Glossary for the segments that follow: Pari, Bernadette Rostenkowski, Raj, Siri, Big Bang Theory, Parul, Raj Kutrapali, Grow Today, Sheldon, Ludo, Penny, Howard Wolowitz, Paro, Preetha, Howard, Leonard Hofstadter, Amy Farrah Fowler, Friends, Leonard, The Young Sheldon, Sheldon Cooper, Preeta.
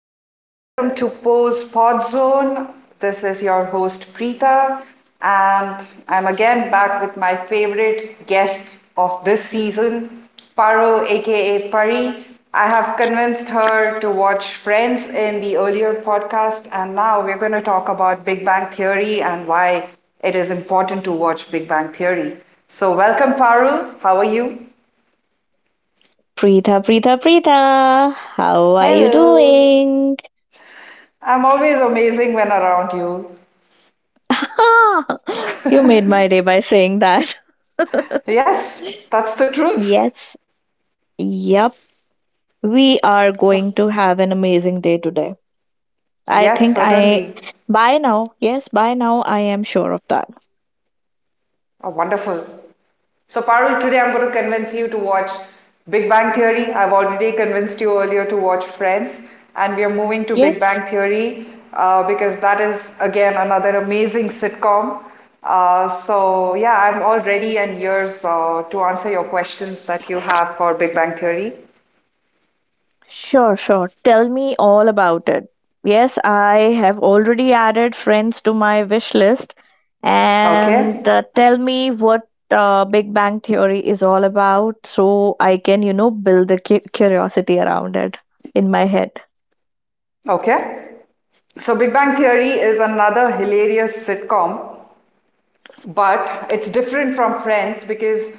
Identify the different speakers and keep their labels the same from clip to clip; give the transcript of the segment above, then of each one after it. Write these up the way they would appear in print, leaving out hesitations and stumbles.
Speaker 1: So welcome to Pose Pod Zone. This is your host, Preeta, and I'm again back with my favorite guest of this season, Paro, aka Pari. I have convinced her to watch Friends in the earlier podcast, and now we're going to talk about Big Bang Theory and why it is important to watch Big Bang Theory. So, welcome, Paru. How are you?
Speaker 2: Preetha, Preetha, Preetha, how are you
Speaker 1: Hello.
Speaker 2: doing?
Speaker 1: I'm always amazing when around you.
Speaker 2: You made my day by saying that.
Speaker 1: Yes, that's the truth.
Speaker 2: Yes, yep, we are
Speaker 1: So,
Speaker 2: going to have an amazing day today. I
Speaker 1: yes,
Speaker 2: think I,
Speaker 1: certainly.
Speaker 2: by now, yes, by now, I am sure of that.
Speaker 1: Oh, wonderful. So, Parul, today I'm going to convince you to watch Big Bang Theory. I've already convinced you earlier to watch Friends, and we are moving to Big
Speaker 2: Yes.
Speaker 1: Bang Theory because that is, again, another amazing sitcom. Yeah, I'm all ready and yours to answer your questions that you have for Big Bang Theory.
Speaker 2: Sure, sure. Tell me all about it. Yes, I have already added friends to my wish list. And
Speaker 1: Okay,
Speaker 2: tell me what Big Bang Theory is all about so I can, you know, build the curiosity around it in my head.
Speaker 1: okay. So, Big Bang Theory is another hilarious sitcom but it's different from Friends because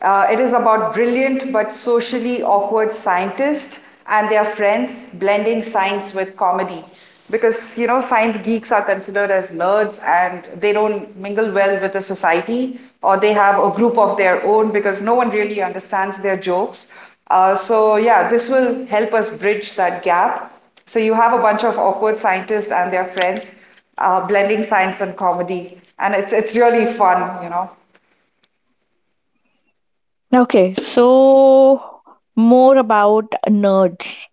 Speaker 1: it is about brilliant but socially awkward scientists and their friends blending science with comedy. Because science geeks are considered as nerds and they don't mingle well with the society or they have a group of their own because no one really understands their jokes. So, yeah, this will help us bridge that gap. So, you have a bunch of awkward scientists and their friends blending science and comedy, and it's really fun.
Speaker 2: Okay, so more about nerds.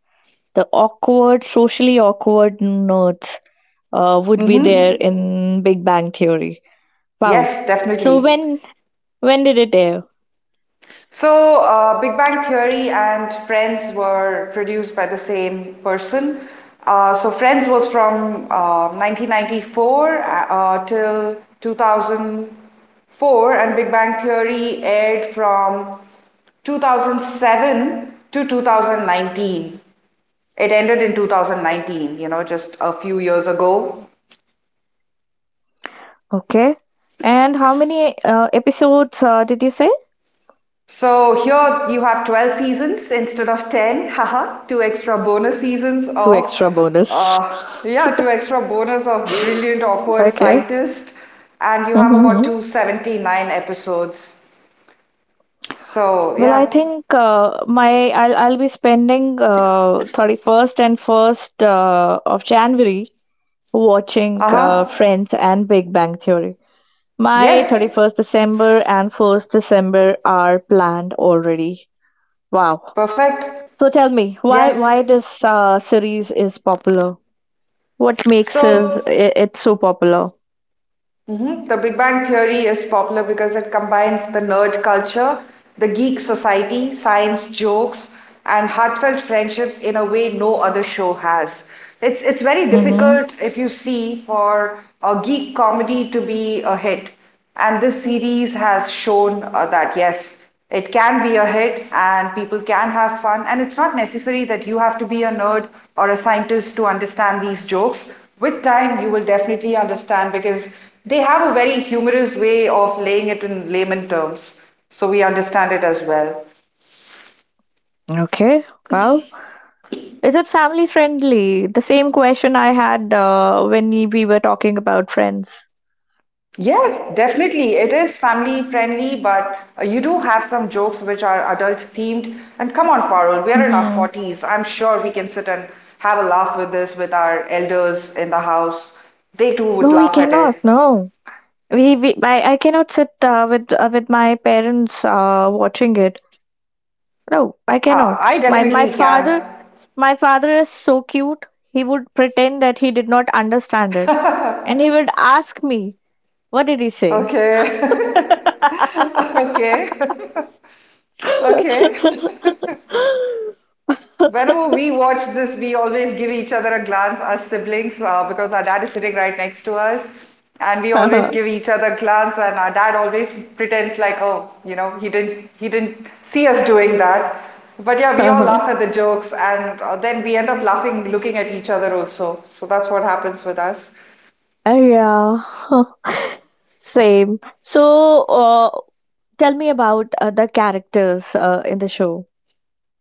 Speaker 2: The awkward, socially awkward nerds would be there
Speaker 1: Hmm.
Speaker 2: in Big Bang Theory. Wow.
Speaker 1: Yes,
Speaker 2: So
Speaker 1: definitely.
Speaker 2: when did it air?
Speaker 1: So, Big Bang Theory and Friends were produced by the same person. So, Friends was from 1994 till 2004, and Big Bang Theory aired from 2007 to 2019. It ended in 2019, just a few years ago.
Speaker 2: Okay. And how many episodes did you say?
Speaker 1: So here you have 12 seasons instead of 10. Haha, two extra bonus seasons
Speaker 2: Two
Speaker 1: of,
Speaker 2: extra bonus.
Speaker 1: yeah, two extra bonus of Brilliant Awkward
Speaker 2: Okay.
Speaker 1: Scientist. And you have about
Speaker 2: Hmm,
Speaker 1: 279 episodes. So,
Speaker 2: well, I
Speaker 1: yeah.
Speaker 2: think my I'll be spending 31st and 1st of January watching
Speaker 1: Uh huh.
Speaker 2: Friends and Big Bang Theory. My
Speaker 1: Yes.
Speaker 2: 31st December and 1st December are planned already. Wow.
Speaker 1: Perfect.
Speaker 2: So tell me, why
Speaker 1: Yes.
Speaker 2: why this series is popular? What makes it,
Speaker 1: So,
Speaker 2: it so popular?
Speaker 1: mhm. The Big Bang Theory is popular because it combines the nerd culture, the geek society, science jokes, and heartfelt friendships in a way no other show has. It's very
Speaker 2: Mm-hmm.
Speaker 1: difficult if you see for a geek comedy to be a hit, and this series has shown that yes, it can be a hit and people can have fun, and it's not necessary that you have to be a nerd or a scientist to understand these jokes. With time, you will definitely understand because they have a very humorous way of laying it in layman terms, so we understand it as well.
Speaker 2: Okay. Wow. Is it family friendly? The same question I had when we were talking about friends.
Speaker 1: Yeah, definitely. It is family friendly, but you do have some jokes which are adult themed. And come on, Parul, we are in our
Speaker 2: Mm-hmm.
Speaker 1: 40s. I'm sure we can sit and have a laugh with this with our elders in the house. They too would
Speaker 2: No, we
Speaker 1: laugh at
Speaker 2: cannot.
Speaker 1: it.
Speaker 2: No, I cannot sit with my parents watching it. No, I
Speaker 1: Ah,
Speaker 2: cannot.
Speaker 1: I
Speaker 2: My
Speaker 1: definitely can.
Speaker 2: father my father is so cute. He would pretend that he did not understand it, and he would ask me, "What did he say?"
Speaker 1: Okay. Okay. Okay. Whenever we watch this, we always give each other a glance, us siblings, because our dad is sitting right next to us. And we always give each other a glance, and our dad always pretends like, oh, he didn't see us doing that. But yeah, we all
Speaker 2: Uh,
Speaker 1: laugh at the jokes, and then we end up laughing, looking at each other also. So that's what happens with us.
Speaker 2: yeah. Same. So, tell me about the characters in the show.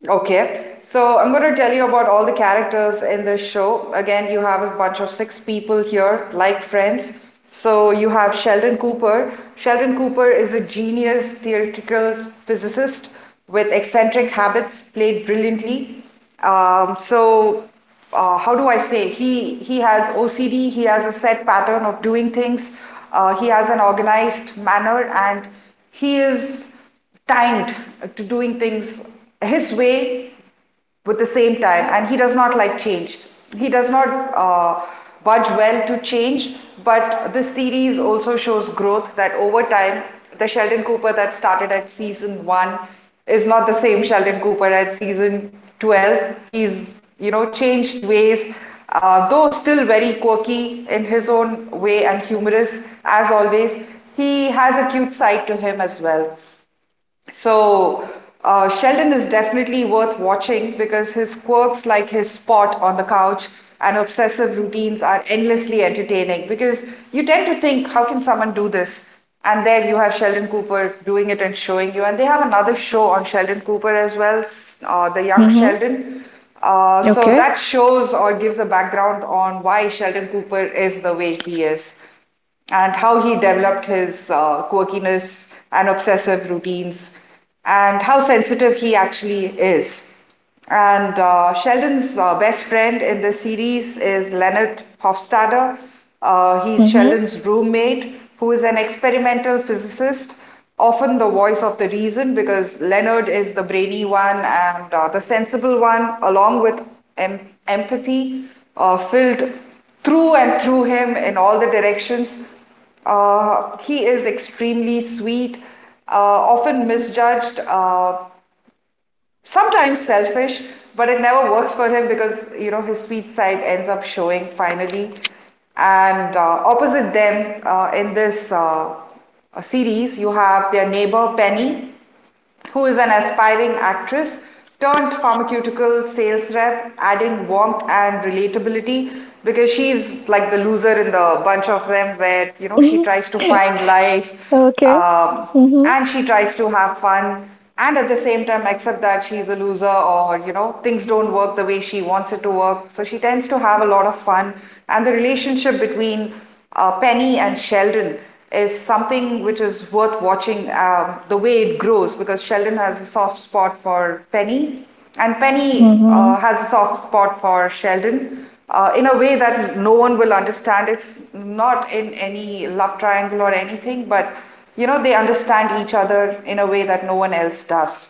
Speaker 1: Okay, so I'm going to tell you about all the characters in this show. Again, you have a bunch of six people here, like Friends. So you have Sheldon Cooper. Sheldon Cooper is a genius theoretical physicist with eccentric habits, played brilliantly. Um, so how do I say? He has OCD. He has a set pattern of doing things. He has an organized manner, and he is timed to doing things his way with the same time, and he does not like change. He does not uh, budge well to change, but this series also shows growth that over time, the Sheldon Cooper that started at season 1 is not the same Sheldon Cooper at season 12. He's changed ways, though still very quirky in his own way and humorous as always. He has a cute side to him as well. So Sheldon is definitely worth watching because his quirks, like his spot on the couch and obsessive routines, are endlessly entertaining. Because you tend to think, how can someone do this? And there you have Sheldon Cooper doing it and showing you. And they have another show on Sheldon Cooper as well, The Young
Speaker 2: Mm-hmm.
Speaker 1: Sheldon. So
Speaker 2: Okay.
Speaker 1: that shows or gives a background on why Sheldon Cooper is the way he is, and how he developed his quirkiness and obsessive routines, and how sensitive he actually is. And Sheldon's best friend in the series is Leonard Hofstadter. He's
Speaker 2: Mm-hmm.
Speaker 1: Sheldon's roommate, who is an experimental physicist, often the voice of the reason, because Leonard is the brainy one and the sensible one, along with em- empathy filled through and through him in all the directions. He is extremely sweet, often misjudged, sometimes selfish, but it never works for him because you know his sweet side ends up showing finally. And opposite them in this series, you have their neighbor Penny, who is an aspiring actress turned pharmaceutical sales rep, adding warmth and relatability because she's like the loser in the bunch of them, where you know she tries to find life,
Speaker 2: Okay.
Speaker 1: um,
Speaker 2: Mm-hmm.
Speaker 1: and she tries to have fun, and at the same time accept that she's a loser, or you know things don't work the way she wants it to work, so she tends to have a lot of fun. And the relationship between Penny and Sheldon is something which is worth watching, the way it grows, because Sheldon has a soft spot for Penny, and Penny
Speaker 2: Mm-hmm.
Speaker 1: has a soft spot for Sheldon in a way that no one will understand. It's not in any love triangle or anything, but you know, they understand each other in a way that no one else does.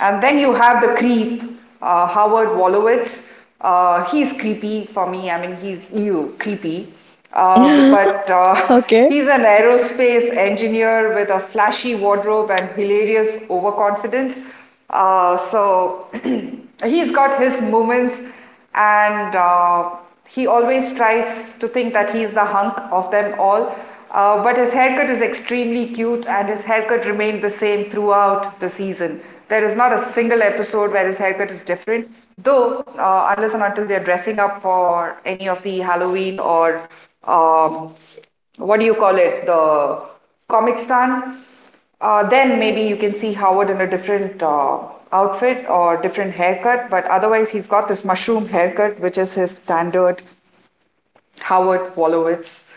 Speaker 1: And then you have the creep, Howard Wolowitz. He's creepy for me. I mean, he's ew, creepy. Uh, but uh,
Speaker 2: Okay.
Speaker 1: he's an aerospace engineer with a flashy wardrobe and hilarious overconfidence. So he's got his moments, and he always tries to think that he is the hunk of them all. But his haircut is extremely cute, and his haircut remained the same throughout the season. There is not a single episode where his haircut is different, though, unless and until they're dressing up for any of the Halloween or um, what do you call it, the comic stand, then maybe you can see Howard in a different outfit or different haircut, but otherwise he's got this mushroom haircut, which is his standard Howard Wolowitz.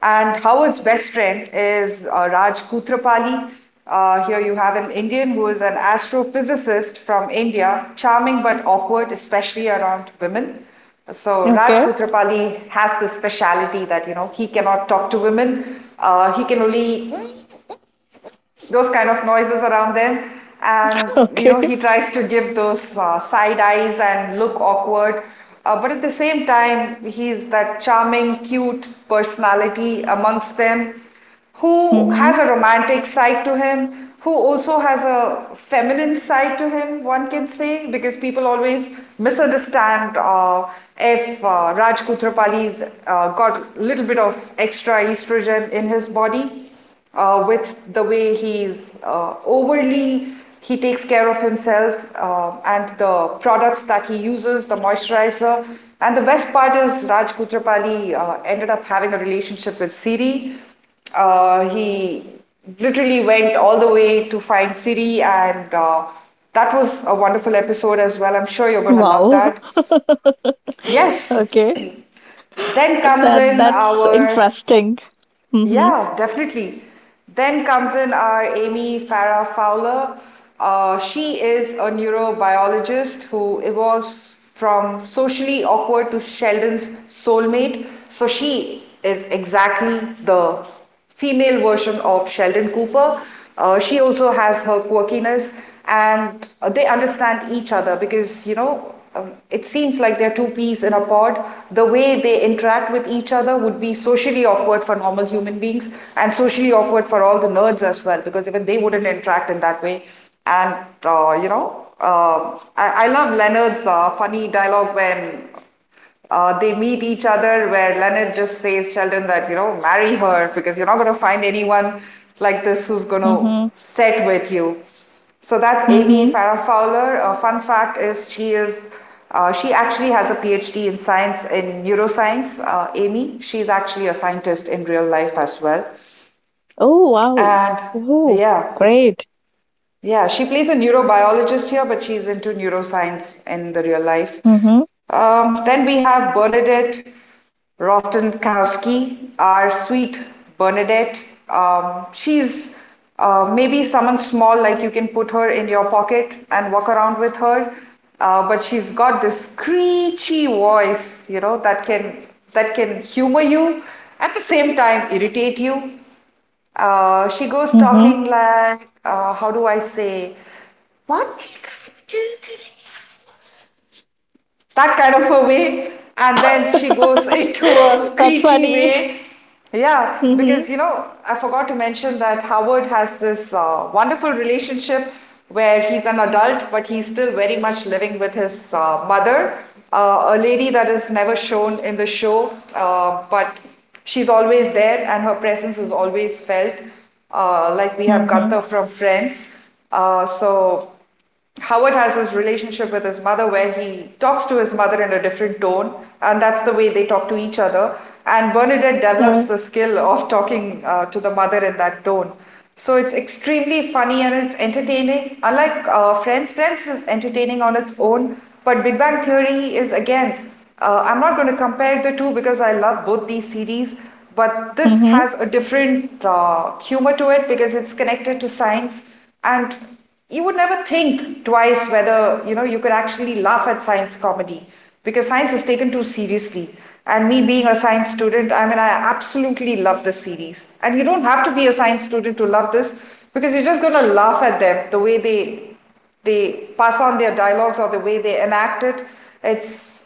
Speaker 1: And Howard's best friend is Raj Kutrapali. Here you have an Indian who is an astrophysicist from India, charming but awkward, especially around women. So Raj
Speaker 2: Okay.
Speaker 1: Kutrapali has this speciality that you know he cannot talk to women. He can only those kind of noises around them, and you know
Speaker 2: Okay.
Speaker 1: he tries to give those side eyes and look awkward, but at the same time he's that charming cute personality amongst them, who
Speaker 2: Mm-hmm.
Speaker 1: has a romantic side to him, who also has a feminine side to him, one can say, because people always misunderstand if Raj Kutrapali's got a little bit of extra estrogen in his body, with the way he's overly he takes care of himself, and the products that he uses, the moisturizer. And the best part is Raj Putrapali ended up having a relationship with Siri. He literally went all the way to find Siri, and that was a wonderful episode as well. I'm sure you're going to love
Speaker 2: Wow.
Speaker 1: that. Yes.
Speaker 2: Okay.
Speaker 1: then comes
Speaker 2: That
Speaker 1: in
Speaker 2: that's
Speaker 1: our
Speaker 2: interesting. Mm-hmm.
Speaker 1: Yeah, definitely. Then comes in our Amy Farrah Fowler. She is a neurobiologist who evolves from socially awkward to Sheldon's soulmate. So she is exactly the female version of Sheldon Cooper. She also has her quirkiness, and they understand each other because it seems like they're two peas in a pod. The way they interact with each other would be socially awkward for normal human beings, and socially awkward for all the nerds as well, because even they wouldn't interact in that way. And I love Leonard's funny dialogue when they meet each other, where Leonard just says, Sheldon, marry her because you're not going to find anyone like this who's going to
Speaker 2: Mm-hmm.
Speaker 1: set with you. So that's Amy
Speaker 2: Mm-hmm.
Speaker 1: Farrah Fowler. A fun fact is she actually has a PhD in science in neuroscience. Amy, she's actually a scientist in real life as well.
Speaker 2: Oh wow.
Speaker 1: And
Speaker 2: Oh,
Speaker 1: yeah,
Speaker 2: great.
Speaker 1: yeah, she plays a neurobiologist here, but she's into neuroscience in the real life.
Speaker 2: Mm-hmm.
Speaker 1: Then we have Bernadette Rostenkowski, our sweet Bernadette. She's maybe someone small, like you can put her in your pocket and walk around with her. But she's got this screechy voice, you know, that can humor you, at the same time irritate you. She goes
Speaker 2: Mhm.
Speaker 1: talking like, how do I say? What did I do today? That kind of a way, and then she goes into a
Speaker 2: That's
Speaker 1: screechy
Speaker 2: funny.
Speaker 1: way. Yeah, because
Speaker 2: Mhm.
Speaker 1: I forgot to mention that Howard has this wonderful relationship where he's an adult but he's still very much living with his mother, a lady that is never shown in the show, but she's always there and her presence is always felt, like we have
Speaker 2: Mhm.
Speaker 1: Gunther from Friends. So Howard has his relationship with his mother where he talks to his mother in a different tone, and that's the way they talk to each other. And Bernadette develops
Speaker 2: Yeah.
Speaker 1: the skill of talking to the mother in that tone. So it's extremely funny and it's entertaining. Unlike Friends, Friends is entertaining on its own, but Big Bang Theory is again, I'm not going to compare the two because I love both these series, but this
Speaker 2: Mhm.
Speaker 1: has a different humor to it because it's connected to science. And you would never think twice whether you could actually laugh at science comedy because science is taken too seriously. And me being a science student, I mean, I absolutely love this series. And you don't have to be a science student to love this because you're just going to laugh at them the way they pass on their dialogues or the way they enact it. It's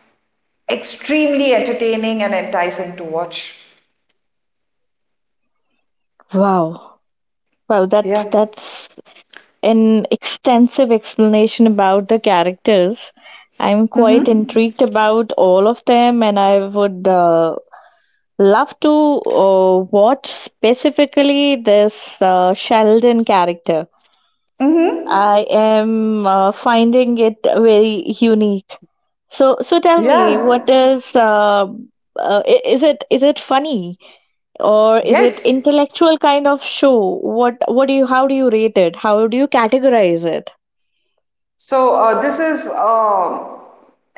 Speaker 1: extremely entertaining and enticing to watch.
Speaker 2: Wow. Wow,
Speaker 1: Yeah.
Speaker 2: that that's an extensive explanation about the characters. I'm quite
Speaker 1: Mm-hmm.
Speaker 2: intrigued about all of them, and I would love to watch specifically this Sheldon character.
Speaker 1: Mm-hmm.
Speaker 2: I am finding it very unique. So, so tell me, what
Speaker 1: Yeah.
Speaker 2: is is it funny or is it
Speaker 1: Yes.
Speaker 2: intellectual kind of show? What do you how do you rate it? How do you categorize it?
Speaker 1: So this is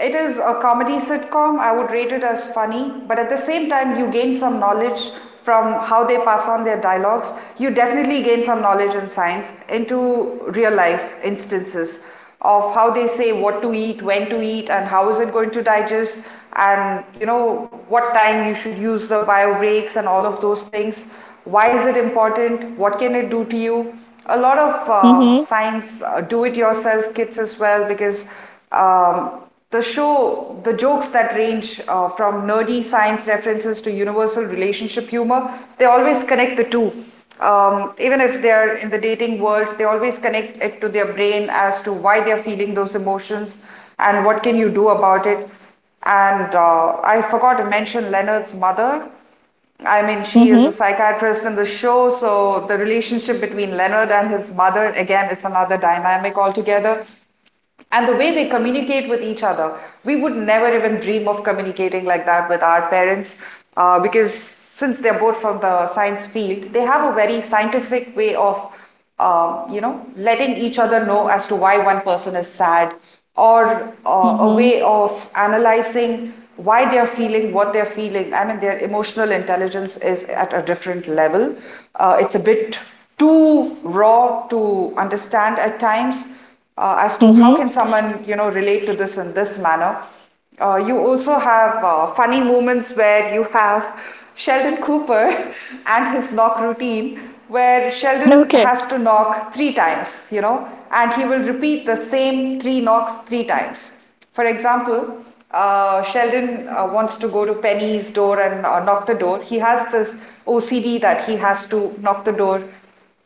Speaker 1: it is a comedy sitcom. I would rate it as funny, but at the same time, you gain some knowledge from how they pass on their dialogues. You definitely gain some knowledge in science into real life instances of how they say what to eat, when to eat, and how is it going to digest, and you know what time you should use the bio breaks and all of those things. Why is it important? What can it do to you? A lot of
Speaker 2: Mm-hmm.
Speaker 1: science do-it-yourself kits as well because um, the jokes that range from nerdy science references to universal relationship humor. They always connect the two. Even if they are in the dating world, they always connect it to their brain as to why they are feeling those emotions and what can you do about it. And I forgot to mention Leonard's mother. I mean, she is a
Speaker 2: Mm-hmm.
Speaker 1: psychiatrist in the show, so the relationship between Leonard and his mother, again, is another dynamic altogether, and the way they communicate with each other, we would never even dream of communicating like that with our parents, because since they're both from the science field, they have a very scientific way of letting each other know as to why one person is sad, or a
Speaker 2: Mm-hmm.
Speaker 1: way of analyzing why they're feeling what they're feeling. I mean, their emotional intelligence is at a different level. It's a bit too raw to understand at times, as to how
Speaker 2: Mm-hmm.
Speaker 1: can someone, you know, relate to this in this manner. You also have funny moments where you have Sheldon Cooper and his knock routine, where Sheldon
Speaker 2: Okay.
Speaker 1: has to knock three times, you know, and he will repeat the same three knocks three times. For example, Sheldon wants to go to Penny's door and knock the door. He has this OCD that he has to knock the door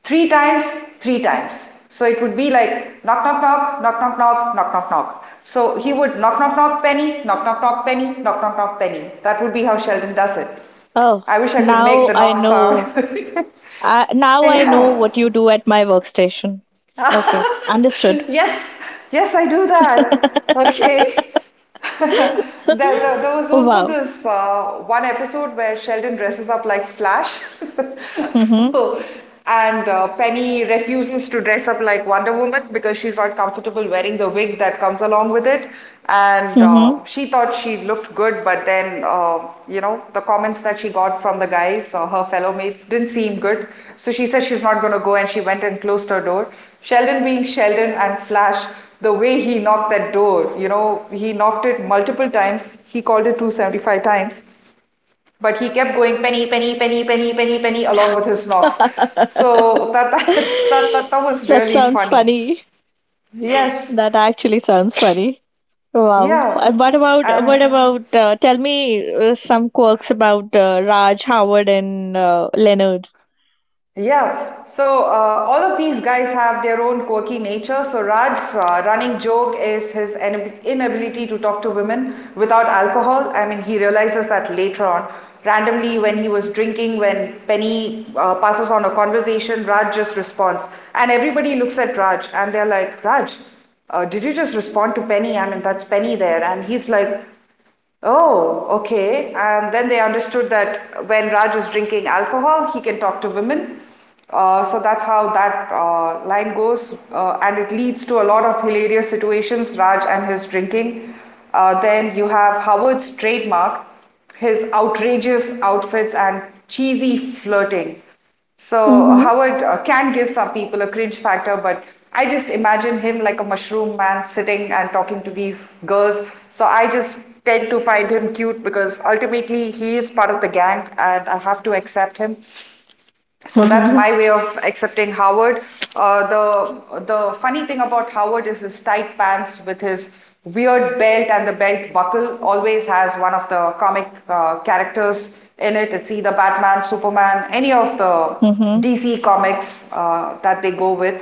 Speaker 1: three times, three times. So it would be like knock, knock, knock, knock, knock, knock, knock, knock, knock. So he would knock, knock, knock, Penny, knock, knock, knock, Penny, knock, knock, knock, Penny. That would be how Sheldon does it.
Speaker 2: Oh,
Speaker 1: I wish I could make
Speaker 2: now
Speaker 1: the
Speaker 2: I
Speaker 1: knock
Speaker 2: know.
Speaker 1: sound.
Speaker 2: Now I know
Speaker 1: Yeah.
Speaker 2: what you do at my workstation. Okay, understood.
Speaker 1: Yes, yes, I do that. Okay. There was also
Speaker 2: Wow.
Speaker 1: this one episode where Sheldon dresses up like Flash,
Speaker 2: Mhm.
Speaker 1: and Penny refuses to dress up like Wonder Woman because she's not comfortable wearing the wig that comes along with it. And
Speaker 2: Mhm.
Speaker 1: she thought she looked good, but then, the comments that she got from the guys, her fellow mates, didn't seem good. So she said she's not going to go, and she went and closed her door. Sheldon, being Sheldon, and Flash, the way he knocked that door, he knocked it multiple times. He called it 275 times, but he kept going Penny, Penny, Penny, Penny, Penny, Penny along with his knocks. So that was
Speaker 2: That
Speaker 1: really
Speaker 2: sounds
Speaker 1: funny.
Speaker 2: funny.
Speaker 1: Yes,
Speaker 2: That actually sounds funny. Wow.
Speaker 1: yeah,
Speaker 2: And what about what
Speaker 1: and.
Speaker 2: about tell me some quirks about Raj, Howard and Leonard.
Speaker 1: Yeah, so all of these guys have their own quirky nature. So Raj's running joke is his inability to talk to women without alcohol. I mean, he realizes that later on. Randomly, when he was drinking, when Penny passes on a conversation, Raj just responds. And everybody looks at Raj and they're like, Raj, did you just respond to Penny? I mean, that's Penny there. And he's like, oh, okay. And then they understood that when Raj is drinking alcohol, he can talk to women. So that's how that line goes, and it leads to a lot of hilarious situations. Raj and his drinking. Then you have Howard's trademark, his outrageous outfits and cheesy flirting. So
Speaker 2: Mhm.
Speaker 1: Howard can give some people a cringe factor, but I just imagine him like a mushroom man sitting and talking to these girls. So I just tend to find him cute because ultimately he is part of the gang and I have to accept him. So that's
Speaker 2: Mhm.
Speaker 1: my way of accepting Howard. The funny thing about Howard is his tight pants with his weird belt, and the belt buckle always has one of the comic characters in it. It's either Batman, Superman, any of the
Speaker 2: Mhm.
Speaker 1: DC comics that they go with.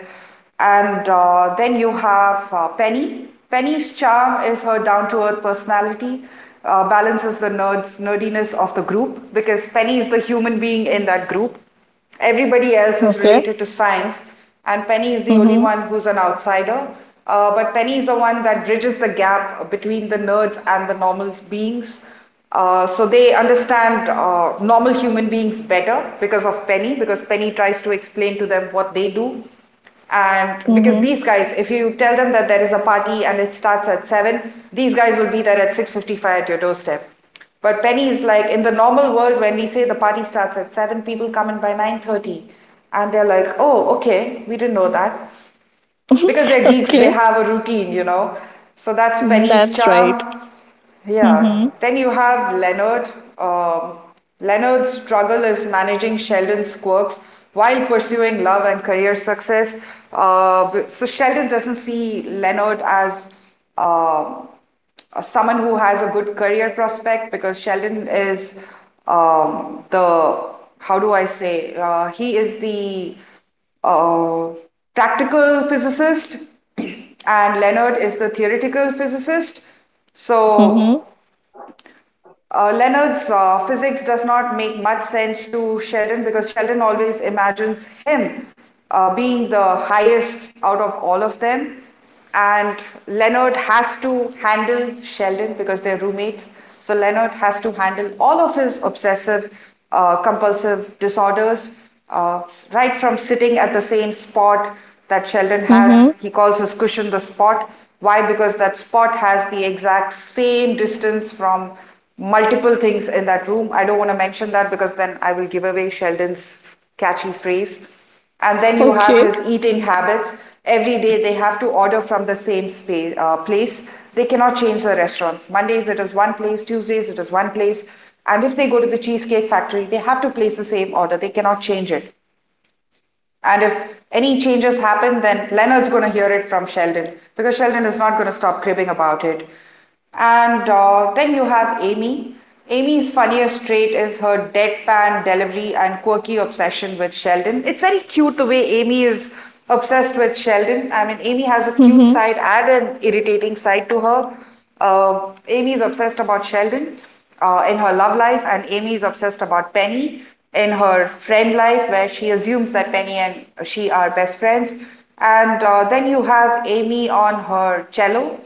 Speaker 1: And then you have Penny. Penny's charm is her down to earth personality, balances the nerdiness of the group because Penny is the human being in that group. Everybody else is
Speaker 2: Okay.
Speaker 1: related to science, and Penny is the only
Speaker 2: Mhm.
Speaker 1: one who's an outsider. But Penny is the one that bridges the gap between the nerds and the normal beings. So they understand normal human beings better because of Penny, because Penny tries to explain to them what they do. And because
Speaker 2: Mhm.
Speaker 1: these guys, if you tell them that there is a party and it starts at 7, these guys will be there at 6:55 at your doorstep. But Penny is like, in the normal world, when we say the party starts at 7, people come in by 9:30, and they're like, "Oh, okay, we didn't know that," because they're geeks. They
Speaker 2: Okay.
Speaker 1: have a routine, you know. So that's
Speaker 2: Mm,
Speaker 1: Penny's
Speaker 2: that's right.
Speaker 1: charm. Yeah.
Speaker 2: Mm-hmm.
Speaker 1: Then you have Leonard. Um, Leonard's struggle is managing Sheldon's quirks while pursuing love and career success. So Sheldon doesn't see Leonard as um someone who has a good career prospect because Sheldon is, the, how do I say? He is the uh, practical physicist and Leonard is the theoretical physicist. So
Speaker 2: Mm-hmm.
Speaker 1: uh, Leonard's physics does not make much sense to Sheldon because Sheldon always imagines him being the highest out of all of them. And Leonard has to handle Sheldon because they're roommates. So Leonard has to handle all of his obsessive, compulsive disorders, uh, right from sitting at the same spot that Sheldon has.
Speaker 2: Mm-hmm.
Speaker 1: He calls his cushion the spot. Why? Because that spot has the exact same distance from multiple things in that room. I don't want to mention that because then I will give away Sheldon's catchy phrase. And then you have
Speaker 2: Okay.
Speaker 1: his eating habits. Every day they have to order from the same space place. They cannot change the restaurants. Mondays it is one place, Tuesdays it is one place. And if they go to the Cheesecake Factory, they have to place the same order. They cannot change it. And if any changes happen, then Leonard's going to hear it from Sheldon because Sheldon is not going to stop cribbing about it. And then you have Amy. Amy's funniest trait is her deadpan delivery and quirky obsession with Sheldon. It's very cute the way Amy is obsessed with Sheldon. I mean, Amy has a cute
Speaker 2: Mm-hmm.
Speaker 1: side and an irritating side to her. Amy is obsessed about Sheldon in her love life, and Amy is obsessed about Penny in her friend life, where she assumes that Penny and she are best friends. And Then you have Amy on her cello.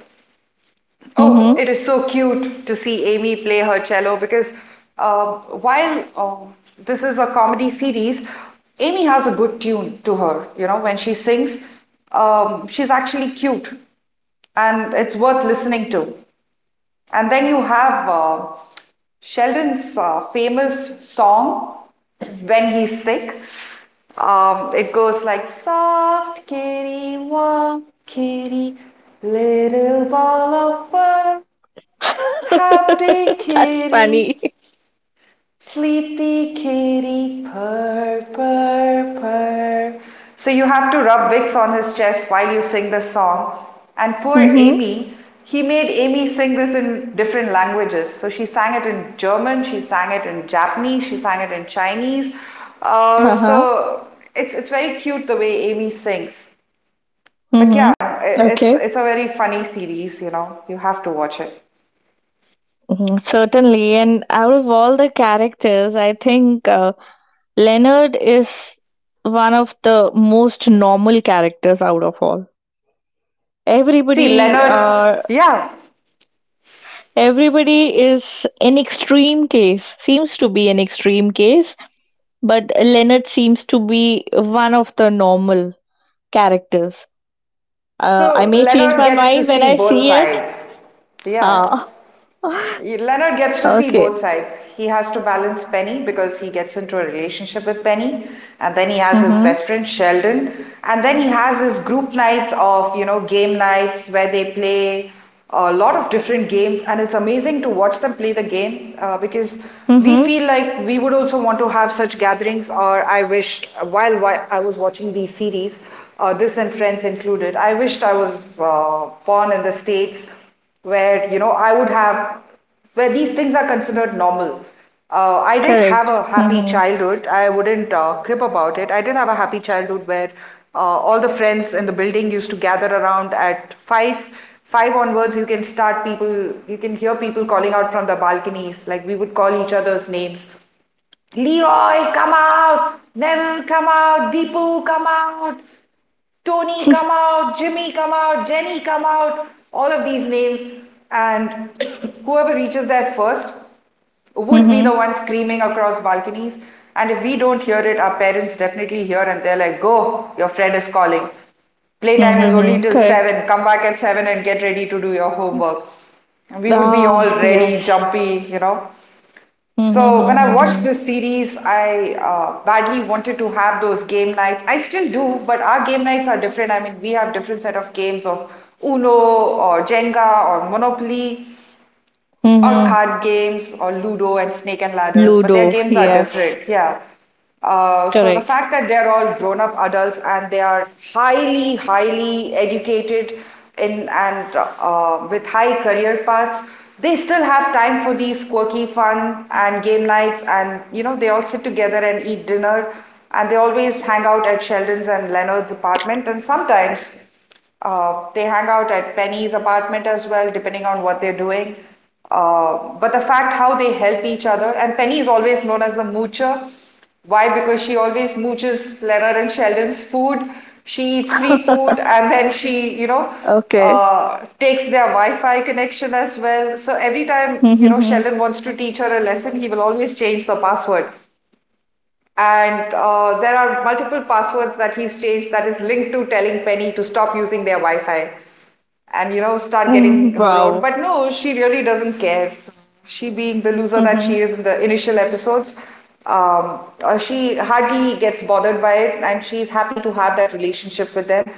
Speaker 1: Oh, it is so cute to see Amy play her cello because uh, while this is a comedy series. Amy has a good tune to her. You know, when she sings, she's actually cute and it's worth listening to. And then you have Sheldon's famous song when he's sick. It goes like soft kitty, warm kitty, little ball of fur,
Speaker 2: Mm-hmm.
Speaker 1: happy
Speaker 2: That's
Speaker 1: kitty,
Speaker 2: funny.
Speaker 1: sleepy kitty, purr, purr, purr. So you have to rub Vicks on his chest while you sing this song. And poor
Speaker 2: Mm-hmm.
Speaker 1: Amy, he made Amy sing this in different languages. So she sang it in German, she sang it in Japanese, she sang it in Chinese. Uh,
Speaker 2: Uh-huh.
Speaker 1: so it's it's very cute the way Amy sings. But
Speaker 2: Mm-hmm.
Speaker 1: yeah, it's
Speaker 2: Okay.
Speaker 1: it's a very funny series, you know. You have to watch it.
Speaker 2: Hmm, certainly. And out of all the characters, I think Leonard is one of the most normal characters out of all.
Speaker 1: See,
Speaker 2: Everybody,
Speaker 1: Leonard,
Speaker 2: uh,
Speaker 1: yeah,
Speaker 2: Everybody is an extreme case. Seems to be an extreme case, but Leonard seems to be one of the normal characters. I
Speaker 1: so
Speaker 2: may change
Speaker 1: Leonard
Speaker 2: my
Speaker 1: gets to
Speaker 2: mind when
Speaker 1: see
Speaker 2: I
Speaker 1: both
Speaker 2: see it.
Speaker 1: sides. Yeah.
Speaker 2: Ah,
Speaker 1: Leonard gets to see
Speaker 2: okay.
Speaker 1: both sides. He has to balance Penny because he gets into a relationship with Penny, and then he has his
Speaker 2: Mhm.
Speaker 1: best friend Sheldon, and then he has his group nights of, you know, game nights where they play a lot of different games, and it's amazing to watch them play the game because we
Speaker 2: Mhm.
Speaker 1: feel like we would also want to have such gatherings, or I wished while I was watching these series, this and Friends included. I wished I was born in the States where, you know, I would have, where these things are considered normal. I did have
Speaker 2: Correct.
Speaker 1: a happy
Speaker 2: Mhm.
Speaker 1: childhood. I wouldn't crib about it. I did have a happy childhood where all the friends in the building used to gather around at five. Five onwards, you can start people, you can hear people calling out from the balconies. Like we would call each other's names: Leroy, come out! Neville, come out! Deepu, come out! Tony, come out, Jimmy, come out, Jenny, come out, all of these names. And whoever reaches there first would be the
Speaker 2: Mhm.
Speaker 1: one screaming across balconies. And if we don't hear it, our parents definitely hear and they're like, go, your friend is calling. Playtime is only
Speaker 2: Mhm.
Speaker 1: till
Speaker 2: Correct.
Speaker 1: 7. Come back at 7 and get ready to do your homework. And we would be all
Speaker 2: Ah,
Speaker 1: ready,
Speaker 2: yes.
Speaker 1: jumpy, you know.
Speaker 2: Mm-hmm.
Speaker 1: So when I watched
Speaker 2: Mm-hmm.
Speaker 1: this series, I badly wanted to have those game nights. I still do, but our game nights are different. I mean, we have different set of games of Uno or Jenga or Monopoly or
Speaker 2: Mm-hmm.
Speaker 1: card games or Ludo and Snake and Ladders, but their
Speaker 2: Ludo,
Speaker 1: games are
Speaker 2: yes.
Speaker 1: different. Yeah. So the
Speaker 2: Correct.
Speaker 1: fact that they're all grown-up adults and they are highly, highly educated in and with high career paths, they still have time for these quirky fun and game nights, and you know they all sit together and eat dinner, and they always hang out at Sheldon's and Leonard's apartment, and sometimes they hang out at Penny's apartment as well, depending on what they're doing. But the fact how they help each other, and Penny is always known as the moocher. Why? Because she always mooches Leonard and Sheldon's food. She eats free food, and then she, you know,
Speaker 2: Okay.
Speaker 1: takes their Wi-Fi connection as well. So every time, you know,
Speaker 2: Mm-hmm.
Speaker 1: Sheldon wants to teach her a lesson, he will always change the password. And There are multiple passwords that he's changed that is linked to telling Penny to stop using their Wi-Fi and, you know, start getting
Speaker 2: Mm,
Speaker 1: her own.
Speaker 2: wow.
Speaker 1: But no, she really doesn't care, she being the loser that she
Speaker 2: Mm-hmm.
Speaker 1: is in the initial episodes. She hardly gets bothered by it and she's happy to have that relationship with them.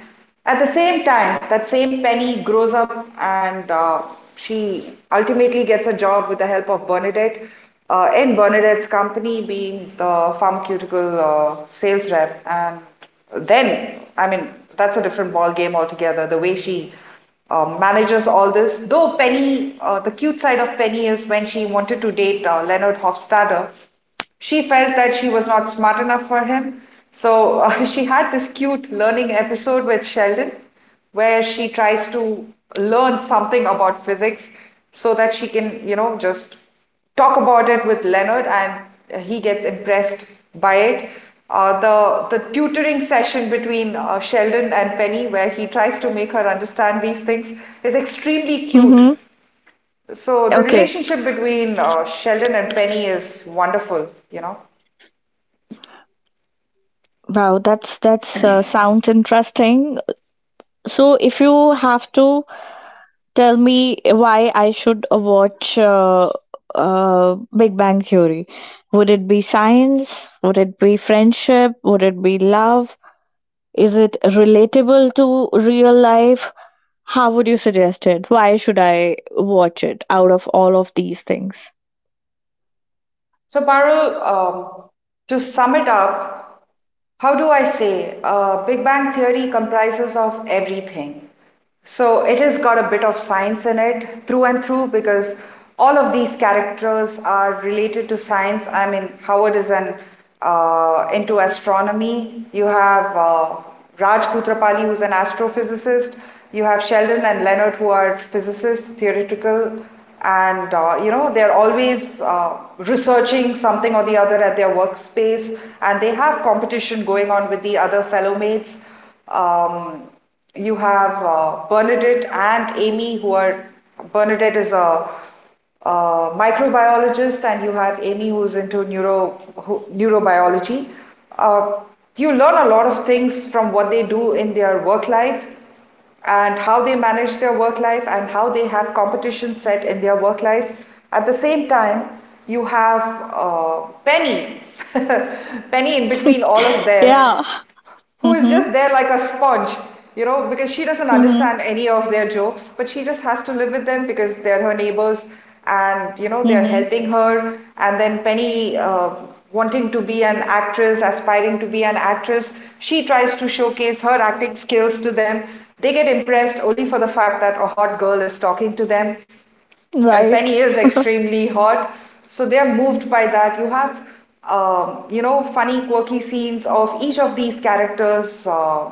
Speaker 1: At the same time, that same Penny grows up and she ultimately gets a job with the help of Bernadette, in Bernadette's company, being the pharmaceutical sales rep. And then, I mean, that's a different ball game altogether. The way she manages all this. Though Penny, the cute side of Penny is when she wanted to date Leonard Hofstadter, she felt that she was not smart enough for him. So she had this cute learning episode with Sheldon, where she tries to learn something about physics so that she can, you know, just talk about it with Leonard and he gets impressed by it. The tutoring session between Sheldon and Penny, where he tries to make her understand these things, is extremely cute.
Speaker 2: Mm-hmm.
Speaker 1: So the
Speaker 2: Okay.
Speaker 1: relationship between Sheldon and Penny is wonderful, you know.
Speaker 2: Wow, that's sounds interesting. So, if you have to tell me why I should watch Big Bang Theory, would it be science? Would it be friendship? Would it be love? Is it relatable to real life? How would you suggest it? Why should I watch it out of all of these things?
Speaker 1: So Parul, to sum it up, how do I say? Big Bang Theory comprises of everything. So it has got a bit of science in it through and through because all of these characters are related to science. I mean, Howard is an into astronomy. You have Raj Kutrapali, who's an astrophysicist. You have Sheldon and Leonard, who are physicists, theoretical, and you know, they're always researching something or the other at their workspace, and they have competition going on with the other fellow mates. Um, you have Bernadette and Amy, who are, Bernadette is a microbiologist, and you have Amy, who's into neurobiology. Uh, you learn a lot of things from what they do in their work life and how they manage their work life and how they have competition set in their work life. At the same time, you have Penny, Penny in between all of them,
Speaker 2: Yeah.
Speaker 1: who is
Speaker 2: Mhm.
Speaker 1: just there like a sponge, you know, because she doesn't
Speaker 2: Mhm.
Speaker 1: understand any of their jokes, but she just has to live with them because they're her neighbors and, you know, they're
Speaker 2: Mhm.
Speaker 1: helping her. And then Penny, wanting to be an actress, aspiring to be an actress, she tries to showcase her acting skills to them. They get impressed only for the fact that a hot girl is talking to them and Penny
Speaker 2: Right.
Speaker 1: is extremely hot, so they are moved by that. You have, you know, funny, quirky scenes of each of these characters'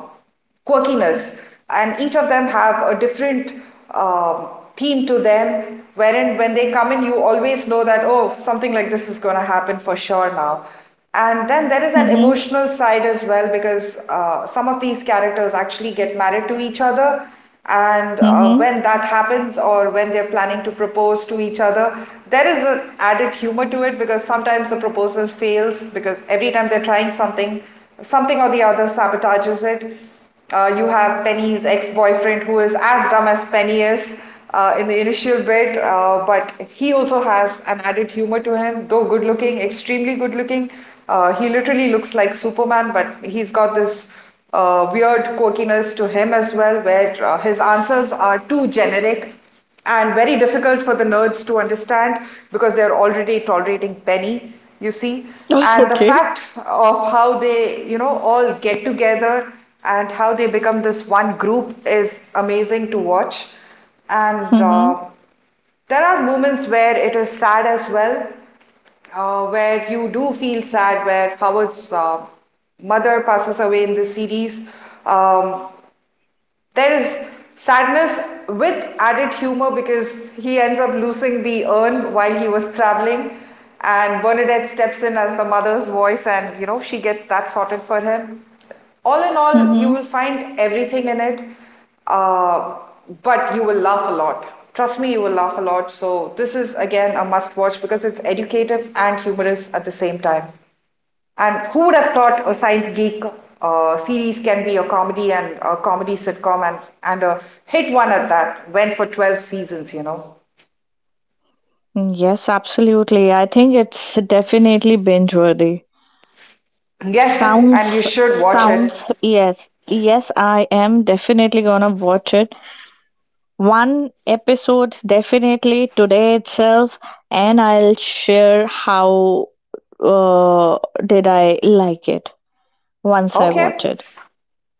Speaker 1: quirkiness, and each of them have a different uh, theme to them. Wherein, when they come in, you always know that oh, something like this is going to happen for sure now. And then there is an
Speaker 2: Mhm.
Speaker 1: emotional side as well because some of these characters actually get married to each other and
Speaker 2: Mhm.
Speaker 1: when that happens, or when they're planning to propose to each other, there is an added humor to it because sometimes the proposal fails because every time they're trying something, something or the other sabotages it. You have Penny's ex-boyfriend who is as dumb as Penny is in the initial bit, but he also has an added humor to him, though good looking, extremely good looking. He literally looks like Superman, but he's got this weird quirkiness to him as well, where his answers are too generic and very difficult for the nerds to understand because they're already tolerating Penny, you see. And the
Speaker 2: Okay.
Speaker 1: fact of how they, you know, all get together and how they become this one group is amazing to watch. And
Speaker 2: Mhm.
Speaker 1: There are moments where it is sad as well, where you do feel sad, where Howard's mother passes away in the series. Um, there is sadness with added humor because he ends up losing the urn while he was traveling, and Bernadette steps in as the mother's voice, and you know, she gets that sorted for him. All in all, you
Speaker 2: Mhm.
Speaker 1: will find everything in it, uh, but you will laugh a lot. Trust me, you will laugh a lot. So, this is again a must watch because it's educative and humorous at the same time. And who would have thought a science geek series can be a comedy and a comedy sitcom and a hit one at that? Went for 12 seasons, you know.
Speaker 2: Mm, yes, absolutely. I think it's definitely binge worthy.
Speaker 1: Yes, and you
Speaker 2: Sounds,
Speaker 1: should watch it.
Speaker 2: yes. Yes, I am definitely gonna watch it. One episode definitely today itself, and I'll share how uh, did I like it once I watch
Speaker 1: Okay,
Speaker 2: it.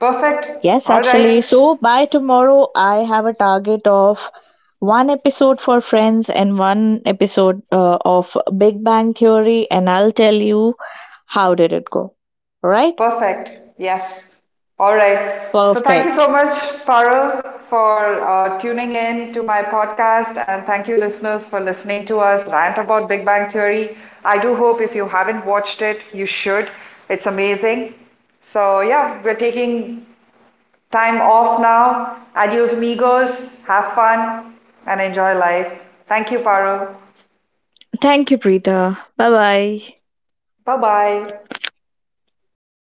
Speaker 1: perfect.
Speaker 2: Yes,
Speaker 1: All
Speaker 2: absolutely.
Speaker 1: right.
Speaker 2: So by tomorrow, I have a target of one episode for Friends and one episode of Big Bang Theory, and I'll tell you how did it go. All right?
Speaker 1: Perfect. Yes. All right. So thank you so
Speaker 2: Perfect.
Speaker 1: much, Parul, for tuning in to my podcast, and thank you, listeners, for listening to us rant about Big Bang Theory. I do hope if you haven't watched it, you should. It's amazing. So yeah, we're taking time off now. Adios, amigos. Have fun and enjoy life. Thank you, Parul.
Speaker 2: Thank you, Preeta. Bye bye.
Speaker 1: Bye bye.